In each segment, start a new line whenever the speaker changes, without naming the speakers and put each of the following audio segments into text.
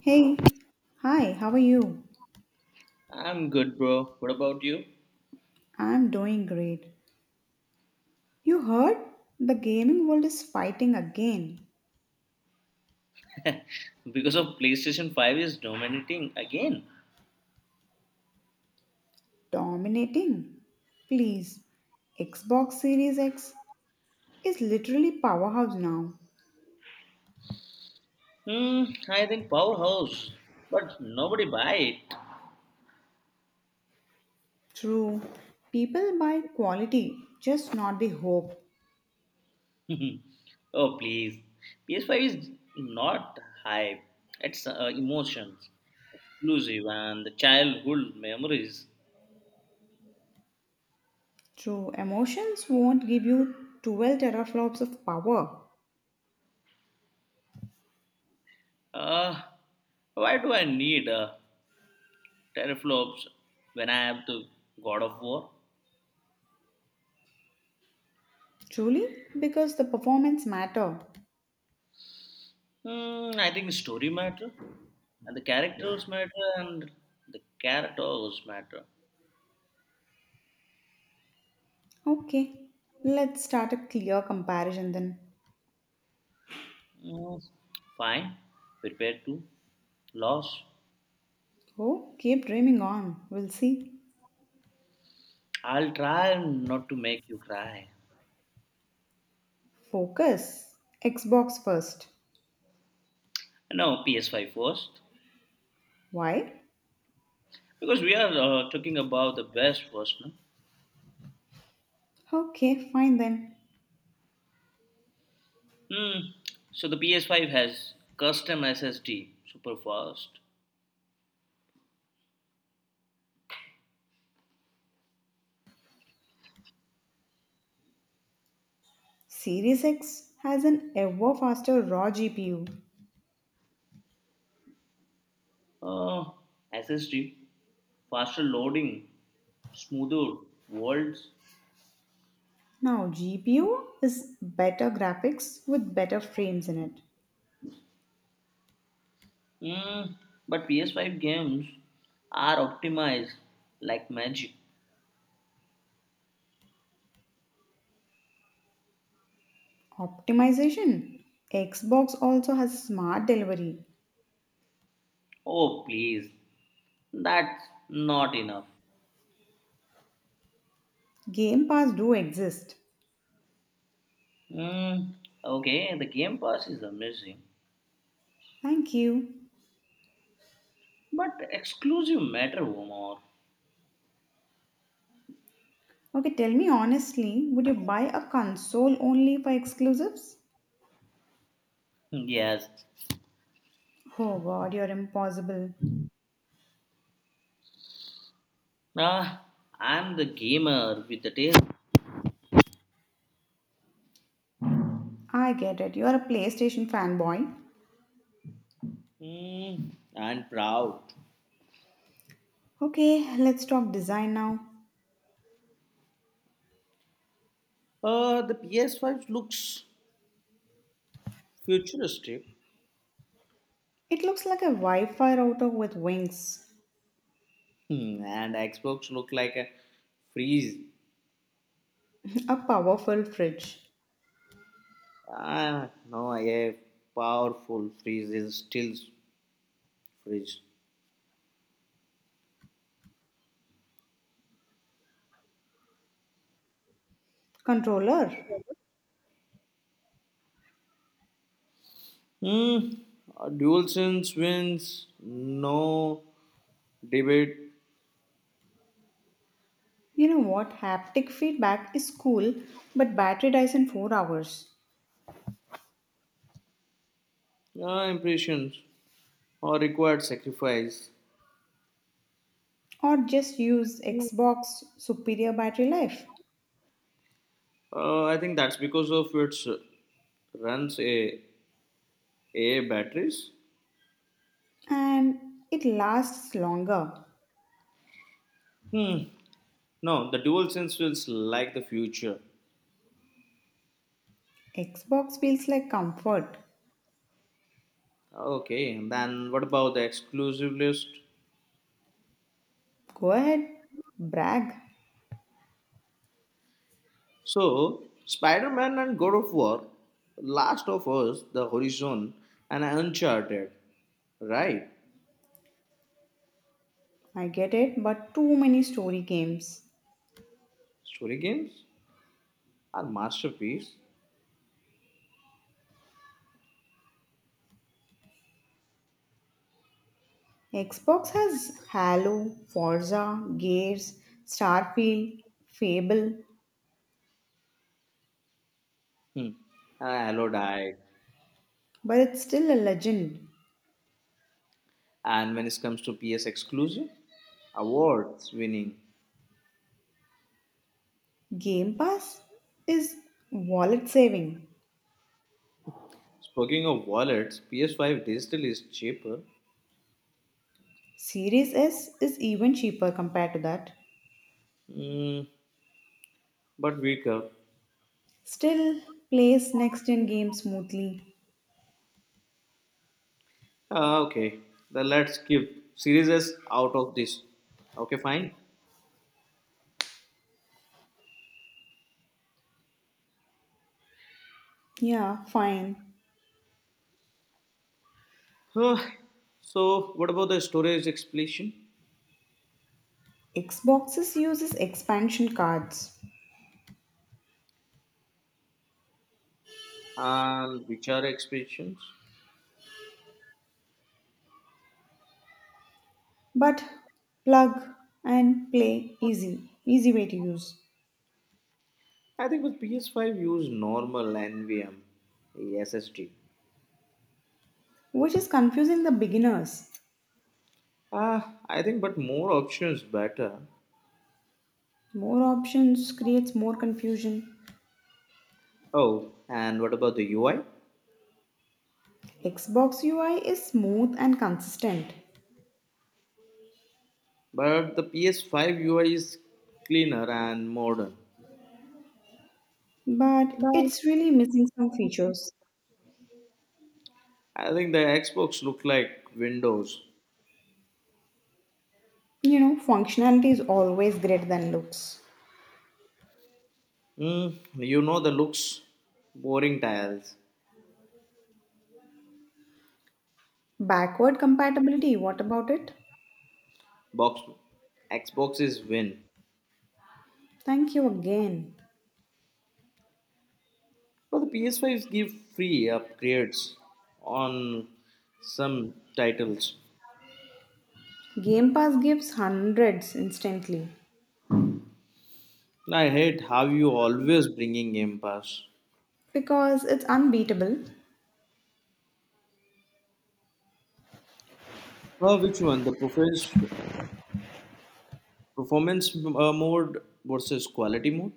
Hey, hi, how are you?
I'm good, bro. What about you?
I'm doing great. You heard? The gaming world is fighting again,
Because of PlayStation 5 is dominating again.
dominating. Please, Xbox Series X is literally powerhouse now.
Hmm, I think Powerhouse, but nobody buy
True, people buy quality, just not the hope.
it. Oh, please. PS5 is not hype. It's emotions, exclusive, and the childhood memories.
True, emotions won't give you 12 teraflops of power.
Uh, why do I need teraflops when I have the God of War?
Truly, because the performance matter.
Mm, I think story matter and the characters matter and the characters matter.
Okay, let's start a clear comparison then.
Mm, fine, prepare to loss.
Oh, keep dreaming on. We'll see.
I'll try not to make you cry.
Focus. Xbox first.
No, PS5 first
Why?
because we are talking about the best first. No?
Okay, fine then.
Hmm. So the PS5 has custom SSD, super fast.
Series X has an ever faster raw GPU.
Uh, SSD, faster loading, smoother worlds.
Now, GPU is better graphics with better frames in it.
Mm, but PS5 games are optimized like magic.
Optimization. Xbox also has smart delivery.
Oh, please, that's not enough.
Game Pass do exist.
Mm, okay, the Game Pass is amazing,
Thank you.
but exclusive matter more.
Okay, tell me honestly, would you buy a console only for exclusives?
Yes,
Oh god, you're impossible.
ah, I'm the gamer with the tail.
I get it. You are a PlayStation fanboy.
Mm, and proud.
Okay, let's talk design now.
The PS5 looks futuristic.
It looks like a Wi Fi router with wings,
Hmm, and Xbox look like a freeze.
a powerful fridge,
Ah, no, a powerful freeze is still freeze.
controller.
Hmm. Dual sense wins. No debate.
You know what? Haptic feedback is cool, but battery dies in 4 hours.
Impressions or required sacrifice.
Or just use Xbox superior battery life.
I think that's because of its runs a batteries.
And it lasts longer.
Hmm. No, the dual sense feels like the future.
Xbox feels like comfort.
Okay, and then what about the exclusive list?
Go ahead, brag.
So, Spider Man and God of War, Last of Us, The Horizon, and Uncharted, right?
I get it, but too many story games.
Story games are masterpiece.
Xbox has Halo, Forza, Gears, Starfield, Fable,
Hmm. And hello died.
but it's still a legend.
And when it comes to PS exclusive, awards winning.
Game Pass is wallet saving.
Speaking of wallets, PS5 digital is cheaper,
Series S is even cheaper compared to that.
mm, but weaker.
Still plays next gen games smoothly.
Ah, okay, then let's keep series S out of this. Okay, fine.
Yeah, fine.
Huh. So, what about the storage explosion?
Xboxes uses expansion cards,
And which are expansions?
but plug and play easy way to use,
I think with PS5 use normal NVM SSD.
which is confusing the beginners.
Ah, I think but more options better.
More options creates more confusion.
Oh, and what about the UI?
Xbox UI is smooth and consistent,
But the PS5 UI is cleaner and modern.
but it's really missing some features.
I think the Xbox look like Windows.
You know, functionality is always greater than looks.
Hmm, you know the looks boring tiles.
Backward compatibility, what about it?
Box Xbox is win.
Thank you again.
But the PS5s give free upgrades on some titles.
Game Pass gives hundreds instantly
I hate how you always bringing Game Pass.
because it's unbeatable.
Which one? The performance mode versus quality mode?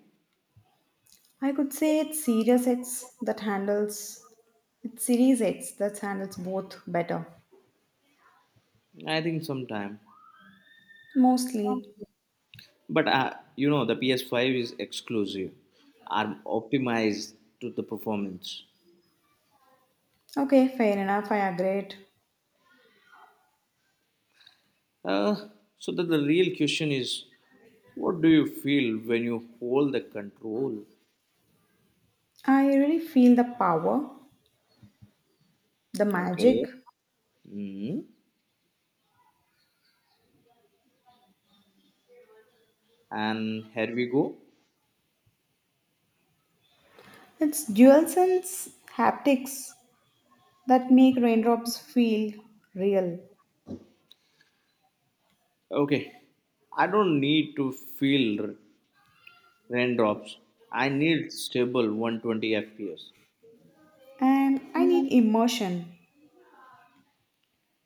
I could say it's Series X that handles it's Series X that handles both better.
I think sometime.
Mostly.
But you know the PS5 is exclusive, are optimized to the performance.
Okay, fair enough. I agree.
Uh, so that the real question is, what do you feel when you hold the control?
I really feel the power, the
Okay.
magic.
Mhm. And here we go.
It's dual sense haptics that make raindrops feel real.
Okay. I don't need to feel raindrops. I need stable 120 FPS.
And I need immersion.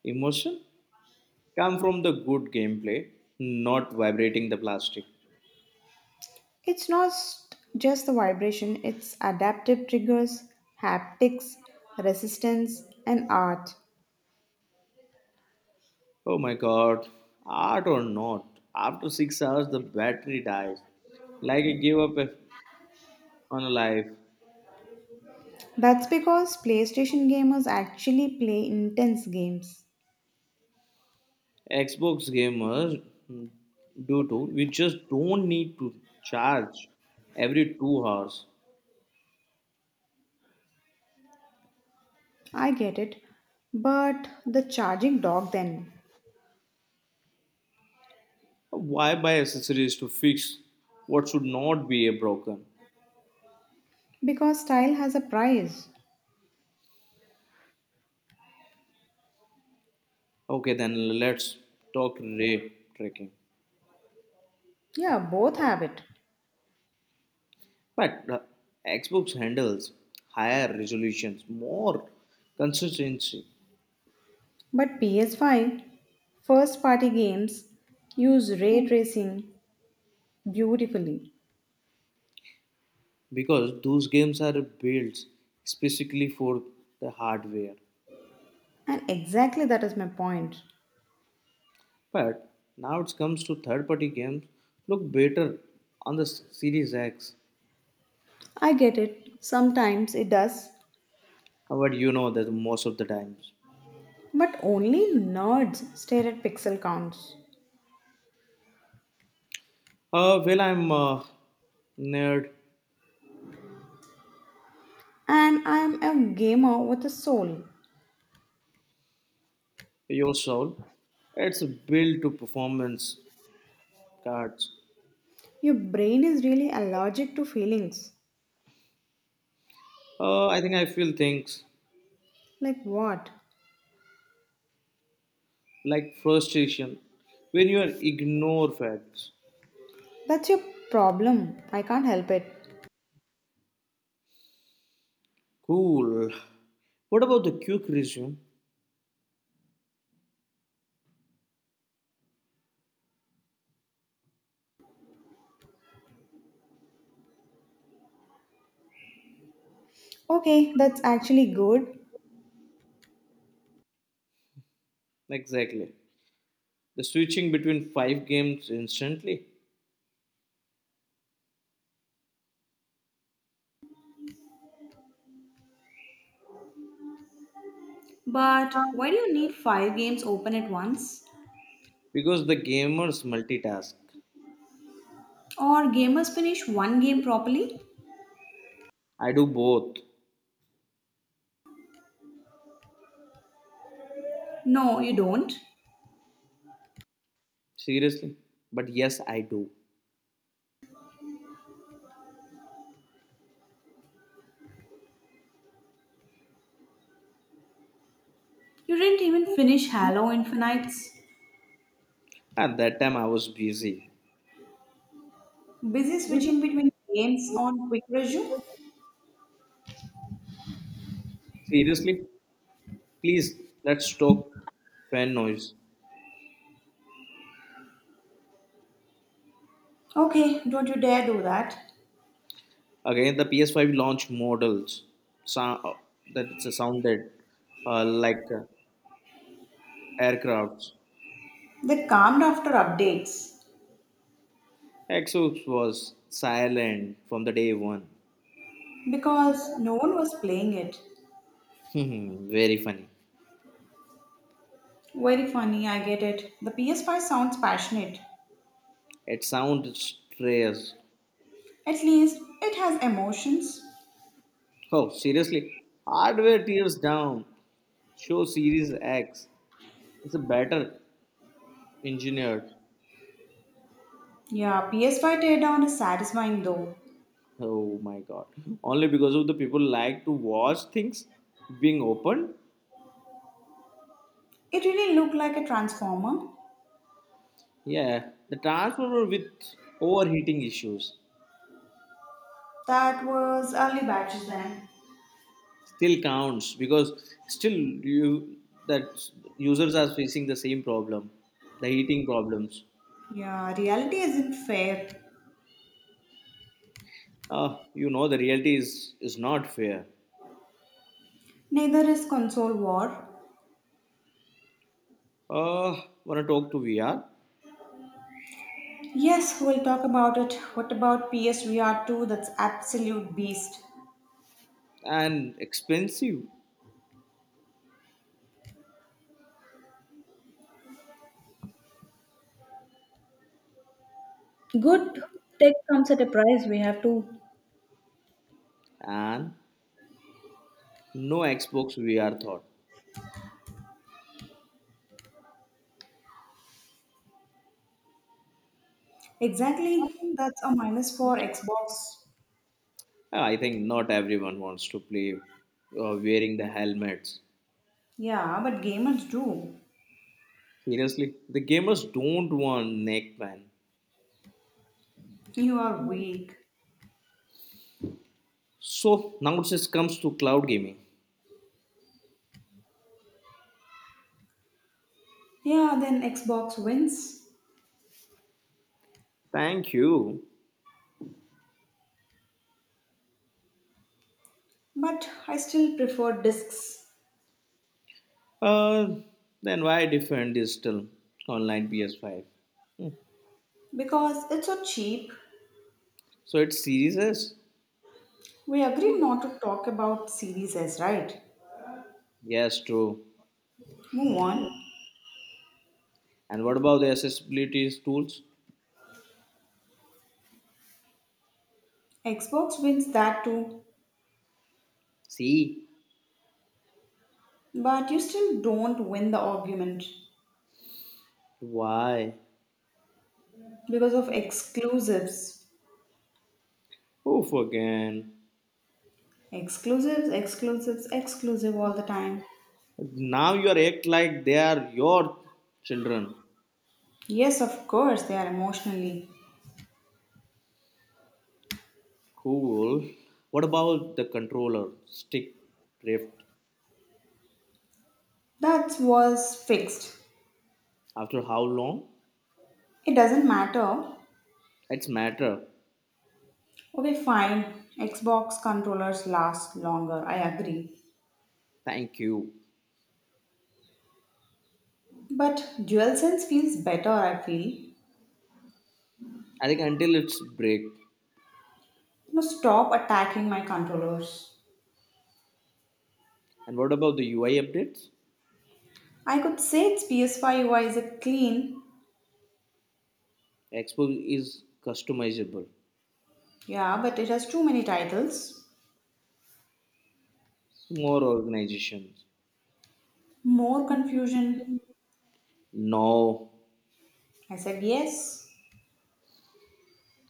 Emotion come from the good gameplay, not vibrating the plastic.
It's not just the vibration, it's adaptive triggers, haptics, resistance, and art.
Oh my god, art or not, after 6 hours the battery dies. Like I gave up a- On a life.
That's because PlayStation gamers actually play intense games.
Xbox gamers, mm, do too. We just don't need to charge every 2 hours.
I get it. But the charging dog then.
Why buy accessories to fix what should not be a broken?
Because style has a price.
Okay, then let's talk ray tracking.
Yeah, both have it.
But Xbox handles higher resolutions, more consistency,
But ps Five, first party games use ray tracing beautifully.
because those games are built specifically for the hardware.
And exactly that is my point.
But now it comes to third-party games look better on the Series X.
I get it, sometimes it does,
But you know that most of the times.
but only nerds stare at pixel counts.
Well, I'm nerd
And I am a gamer with a soul.
your soul. It's built to performance cards.
Your brain is really allergic to feelings.
I think I feel things
Like what?
like frustration when you are ignore facts.
That's your problem. I can't help it.
Cool. What about the quick resume?
Okay, that's actually good.
Exactly. The switching between five games instantly
But why do you need five games open at once?
because the gamers multitask.
Or gamers finish one game properly?
I do both.
No, you don't.
Seriously? But yes, I do.
You didn't even finish Halo Infinites.
At that time, I was busy.
Busy switching between games on quick resume?
Seriously? Please, let's talk fan noise.
Okay, don't you dare do that.
Again, the PS5 launch models. Sound, that it's a sounded like aircrafts.
They calmed after updates
Exos was silent from the day one.
because no one was playing it.
Hmm, very funny.
Very funny, I get it. The PS5 sounds passionate.
It sounds stressed.
At least it has emotions.
Oh, seriously? Hardware tears down. Show Series X. It's a better engineered.
Yeah, PS5 teardown is satisfying though.
Oh my god. Only because of the people like to watch things being opened.
It really looked like a transformer.
Yeah, the transformer with overheating issues.
That was early batches then.
Still counts because still you that users are facing the same problem, the heating problems.
Yeah, reality isn't fair.
You know the reality is not fair.
Neither is console war.
uh want to talk to vr
Yes, we'll talk about it. What about PSVR 2? That's absolute beast.
and expensive
Good tech comes at a price, we have to.
and no xbox vr thought.
Exactly. That's a minus for Xbox.
I think not everyone wants to play wearing the helmets.
Yeah, but gamers do.
Seriously, the gamers don't want neck man.
You are weak.
So now it just comes to cloud gaming.
Yeah, then Xbox wins.
Thank you.
But I still prefer discs
Uh, then why defend digital online PS5? Hmm.
because it's so cheap.
So it's serious?
We agree not to talk about series as, right?
Yes, true.
Move on.
And what about the accessibility tools?
Xbox wins that too,
See,
but you still don't win the argument
why?
because of exclusives.
Oof again.
Exclusives, exclusives, exclusive all the time.
Now you are act like they are your children.
Yes, of course, they are emotionally.
Cool. What about the controller? Stick drift.
That was fixed.
After how long?
It doesn't matter.
It's matter.
Okay, fine. Xbox controllers last longer, I agree.
Thank you.
But DualSense feels better, I feel.
I think until it's break.
No, stop attacking my controllers.
And what about the UI updates?
I could say its PS5 UI is a clean,
Expo is customizable.
yeah, but it has too many titles.
More organizations.
More confusion?
Now,
I said, yes,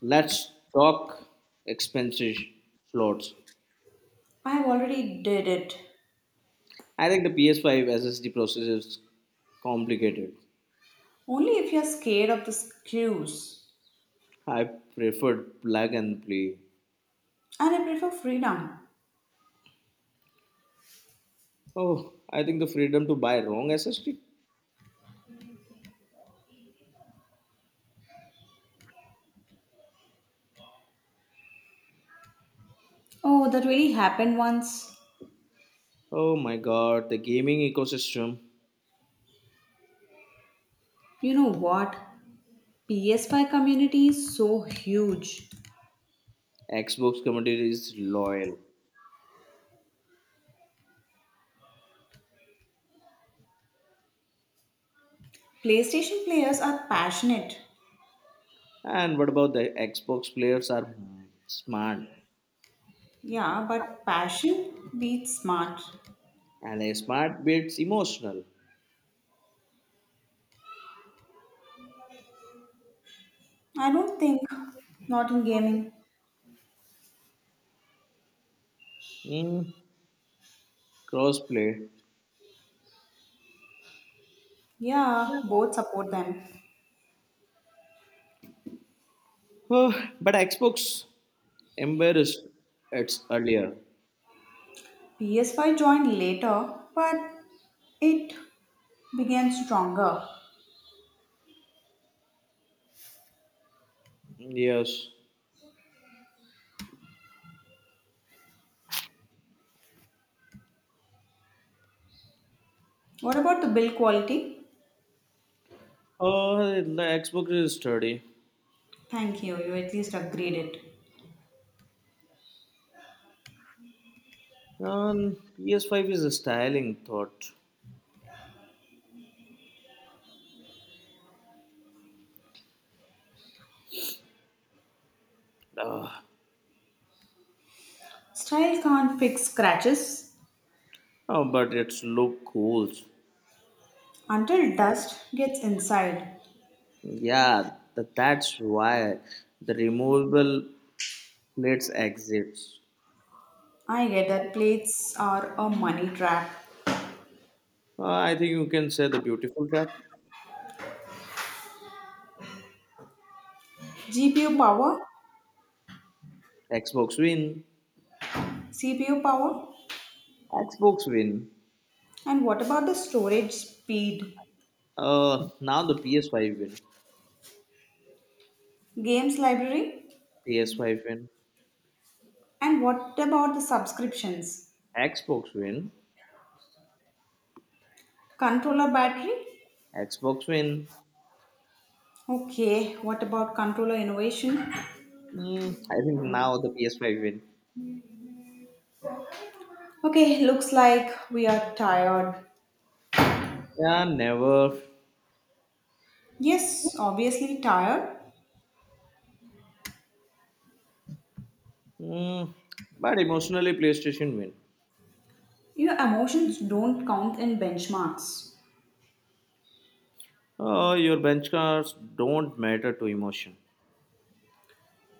let's talk expensive slots.
I have already did it.
I think the PS5 SSD process is complicated.
Only if you're scared of the screws.
I preferred plug and play.
And I prefer freedom.
Oh, I think the freedom to buy wrong SSD.
Oh, that really happened once.
Oh my god, the gaming ecosystem.
You know what? PS5 community is so huge.
Xbox community is loyal.
PlayStation players are passionate.
And what about the Xbox players are, hmm, smart
Yeah, but passion beats smart.
and a smart beats emotional.
I don't think. Not in gaming.
Hmm, Crossplay.
Yeah, both support them.
Oh, but Xbox embarrassed its earlier.
PS5 joined later, but it began stronger.
Yes.
What about the bill quality?
Oh, the Xbox is sturdy.
Thank you, you at least agreed it.
PS5 is a styling thought. Ah,
Style can't fix scratches
oh, but it's look cool.
until dust gets inside.
Yeah, that's why the removable plates exists.
I get that plates are a money trap.
Ah, I think you can say the beautiful trap.
GPU power,
Xbox win.
CPU power,
Xbox win.
and what about the storage speed?
Now the PS5 win.
Games library?
PS5 win.
And what about the subscriptions?
Xbox win.
Controller battery?
Xbox win.
Okay, what about controller innovation?
Mm, I think now the PS5 win.
Okay, looks like we are tired.
Yeah, never.
Yes, obviously tired.
Mm, but emotionally, PlayStation win.
Your emotions don't count in benchmarks.
Your benchmarks don't matter to emotion.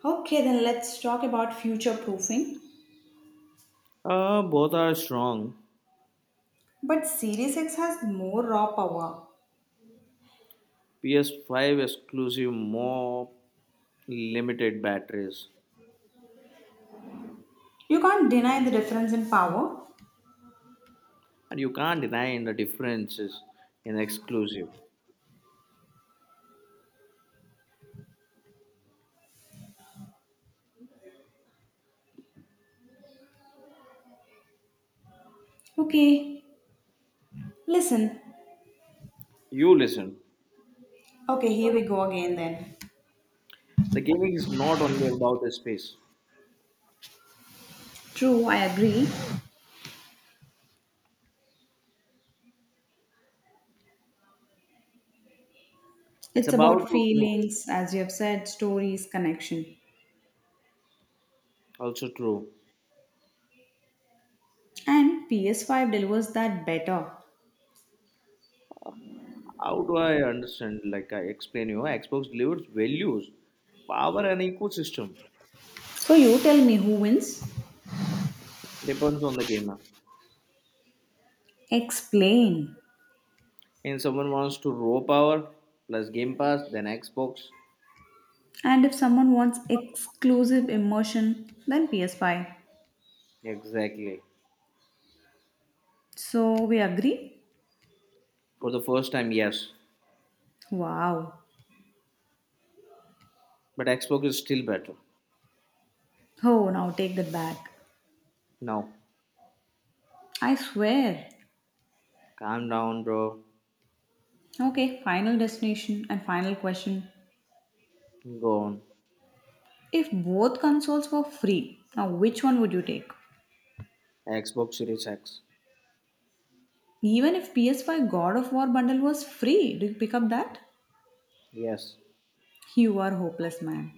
Okay, then let's talk about future proofing.
Both are strong.
But Series X has more raw power.
PS5 exclusive, more limited batteries.
You can't deny the difference in power.
And you can't deny the differences in exclusive.
Okay, listen.
You listen.
Okay, here we go again then.
The gaming is not only about the space.
True, I agree.
It's
It's
about
about feelings, as you have said, stories, connection.
also true.
And PS5 delivers that better.
How do I understand? Like I explain you, Xbox delivers values, power and ecosystem.
So you tell me who wins?
Depends on the gamer.
Explain.
And someone wants to raw power plus Game Pass, then Xbox.
And if someone wants exclusive immersion, then PS5.
Exactly.
So we agree?
For the first time, yes.
Wow.
But Xbox is still better.
Oh, now take that back.
No.
I swear.
Calm down, bro.
Okay, final destination and final question.
Go on.
If both consoles were free, now which one would you take?
Xbox Series X.
Even if PS5 God of War bundle was free, do you pick up that?
Yes.
You are hopeless, man.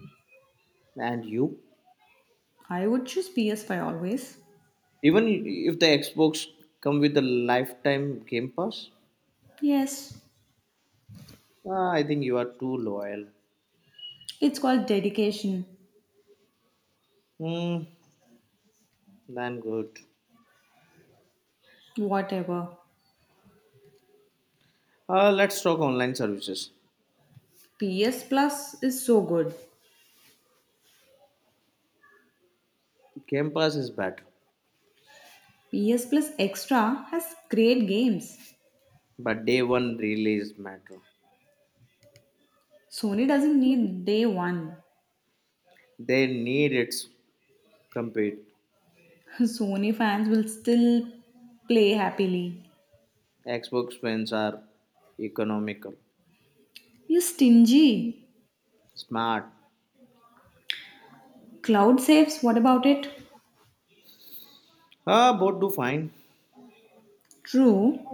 And you?
I would choose PS5 always.
Even if the Xbox come with a lifetime Game Pass,
Yes,
ah, I think you are too loyal.
it's called dedication.
Hmm, then good.
Whatever.
Let's talk online services.
PS Plus is so good.
Game Pass is better,
PS Plus Extra has great games.
but day one release matter.
Sony doesn't need day one.
They need its compete.
Sony fans will still play happily.
Xbox fans are economical,
You're stingy.
smart.
Cloud saves, what about it?
Both do fine.
True,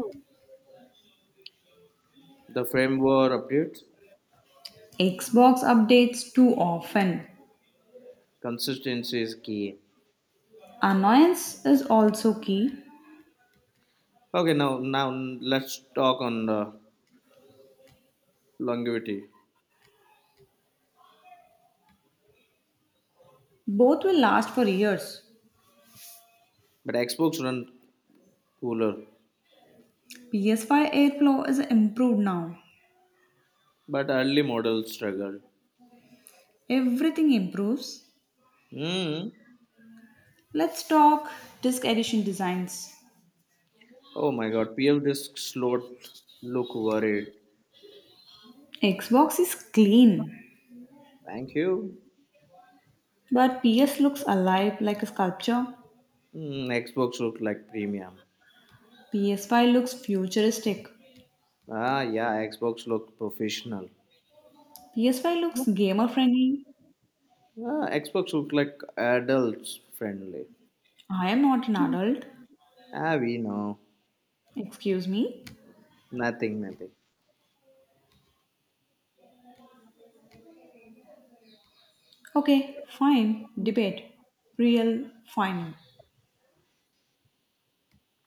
The framework updates,
Xbox updates too often.
consistency is key.
Annoyance is also key.
Okay, now let's talk on the longevity.
Both will last for years.
But Xbox run cooler,
PS5 airflow is improved now.
but early models struggled.
Everything improves.
Hmm.
Let's talk disc edition designs.
Oh my God, PF disk slowed. Look worried.
Xbox is clean,
Thank you.
but PS looks alive like a sculpture.
Mm, Xbox look like premium.
PS5 looks futuristic.
Ah, yeah, Xbox look professional.
PS5 looks gamer friendly.
Ah, Xbox look like adults friendly.
I am not an adult.
Ah, we know.
Excuse me.
Nothing, nothing.
Okay, fine. Debate. Real fine.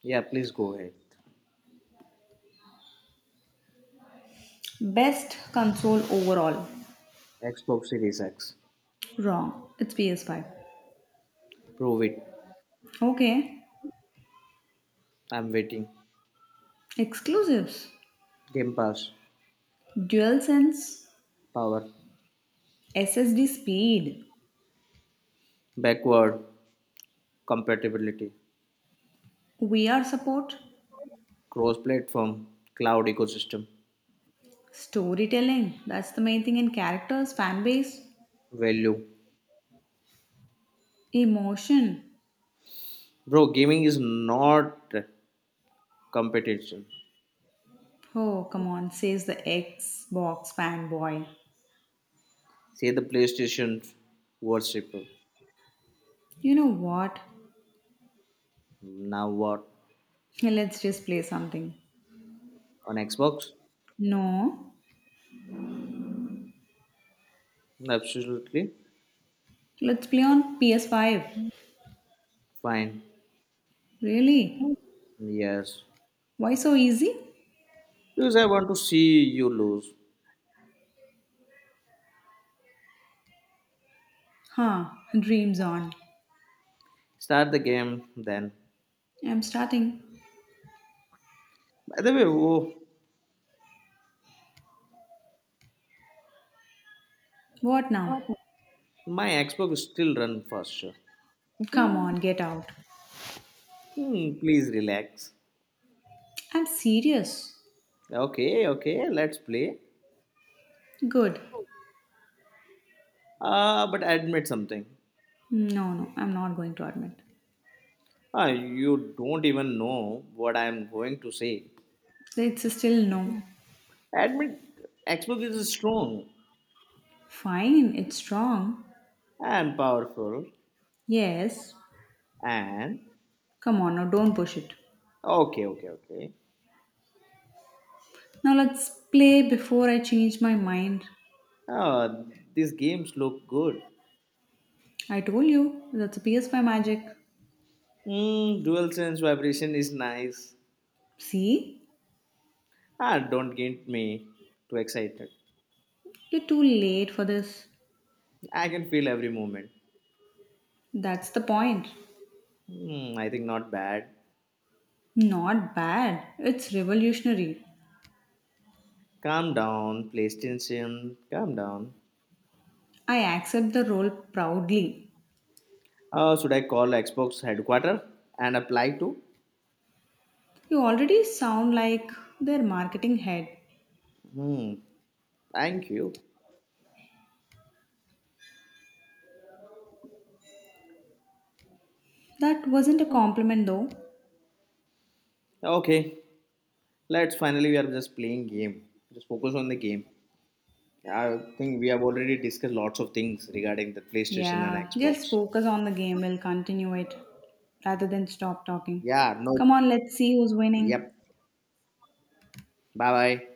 Yeah, please go ahead.
Best console overall.
Xbox Series X.
Wrong. It's PS5.
Prove it.
Okay.
I'm waiting.
Exclusives.
Game Pass.
DualSense.
Power.
SSD speed.
Backward. Compatibility.
VR support.
Cross platform. Cloud ecosystem.
Storytelling. That's the main thing. And characters, fan base,
Value.
emotion.
Bro, gaming is not competition.
Oh, come on, says the Xbox fanboy.
Say the PlayStation worship.
You know what?
Now what?
Let's just play something.
On Xbox?
No,
No, absolutely
let's play on PS5.
fine.
Really?
Yes.
Why so easy?
Because I want to see you lose.
Huh, dreams on.
Start the game then.
I'm starting.
By the way, oh,
What now?
my Xbox still run faster.
Come
Hmm,
on, get out.
hmm, please relax.
I'm serious.
Okay, okay, let's play.
Good.
But admit something.
No, I'm not going to admit.
You don't even know what I am going to say.
It's a still no.
Admit Xbox is strong
Fine, it's strong.
and powerful
Yes.
and
Come on, now don't push it.
okay, okay, okay.
Now let's play before I change my mind.
Uh, these games look good.
I told you, that's a PS5 magic.
Mm, dual sense vibration is nice.
See?
Ah, don't get me too excited.
You're too late for this.
I can feel every moment.
That's the point.
Hmm, I think not bad.
Not bad. It's revolutionary.
Calm down, PlayStation. Calm down.
I accept the role proudly.
Should I call Xbox headquarters and apply to?
You already sound like their marketing head.
Hmm, thank you.
That wasn't a compliment though.
Okay, let's finally we are just playing game. Just focus on the game. I think we have already discussed lots of things regarding the PlayStation and
Yeah, just
Xbox.
focus on the game. We'll continue it rather than stop talking.
Yeah, no.
Come on, let's see who's winning.
Yep. Bye bye.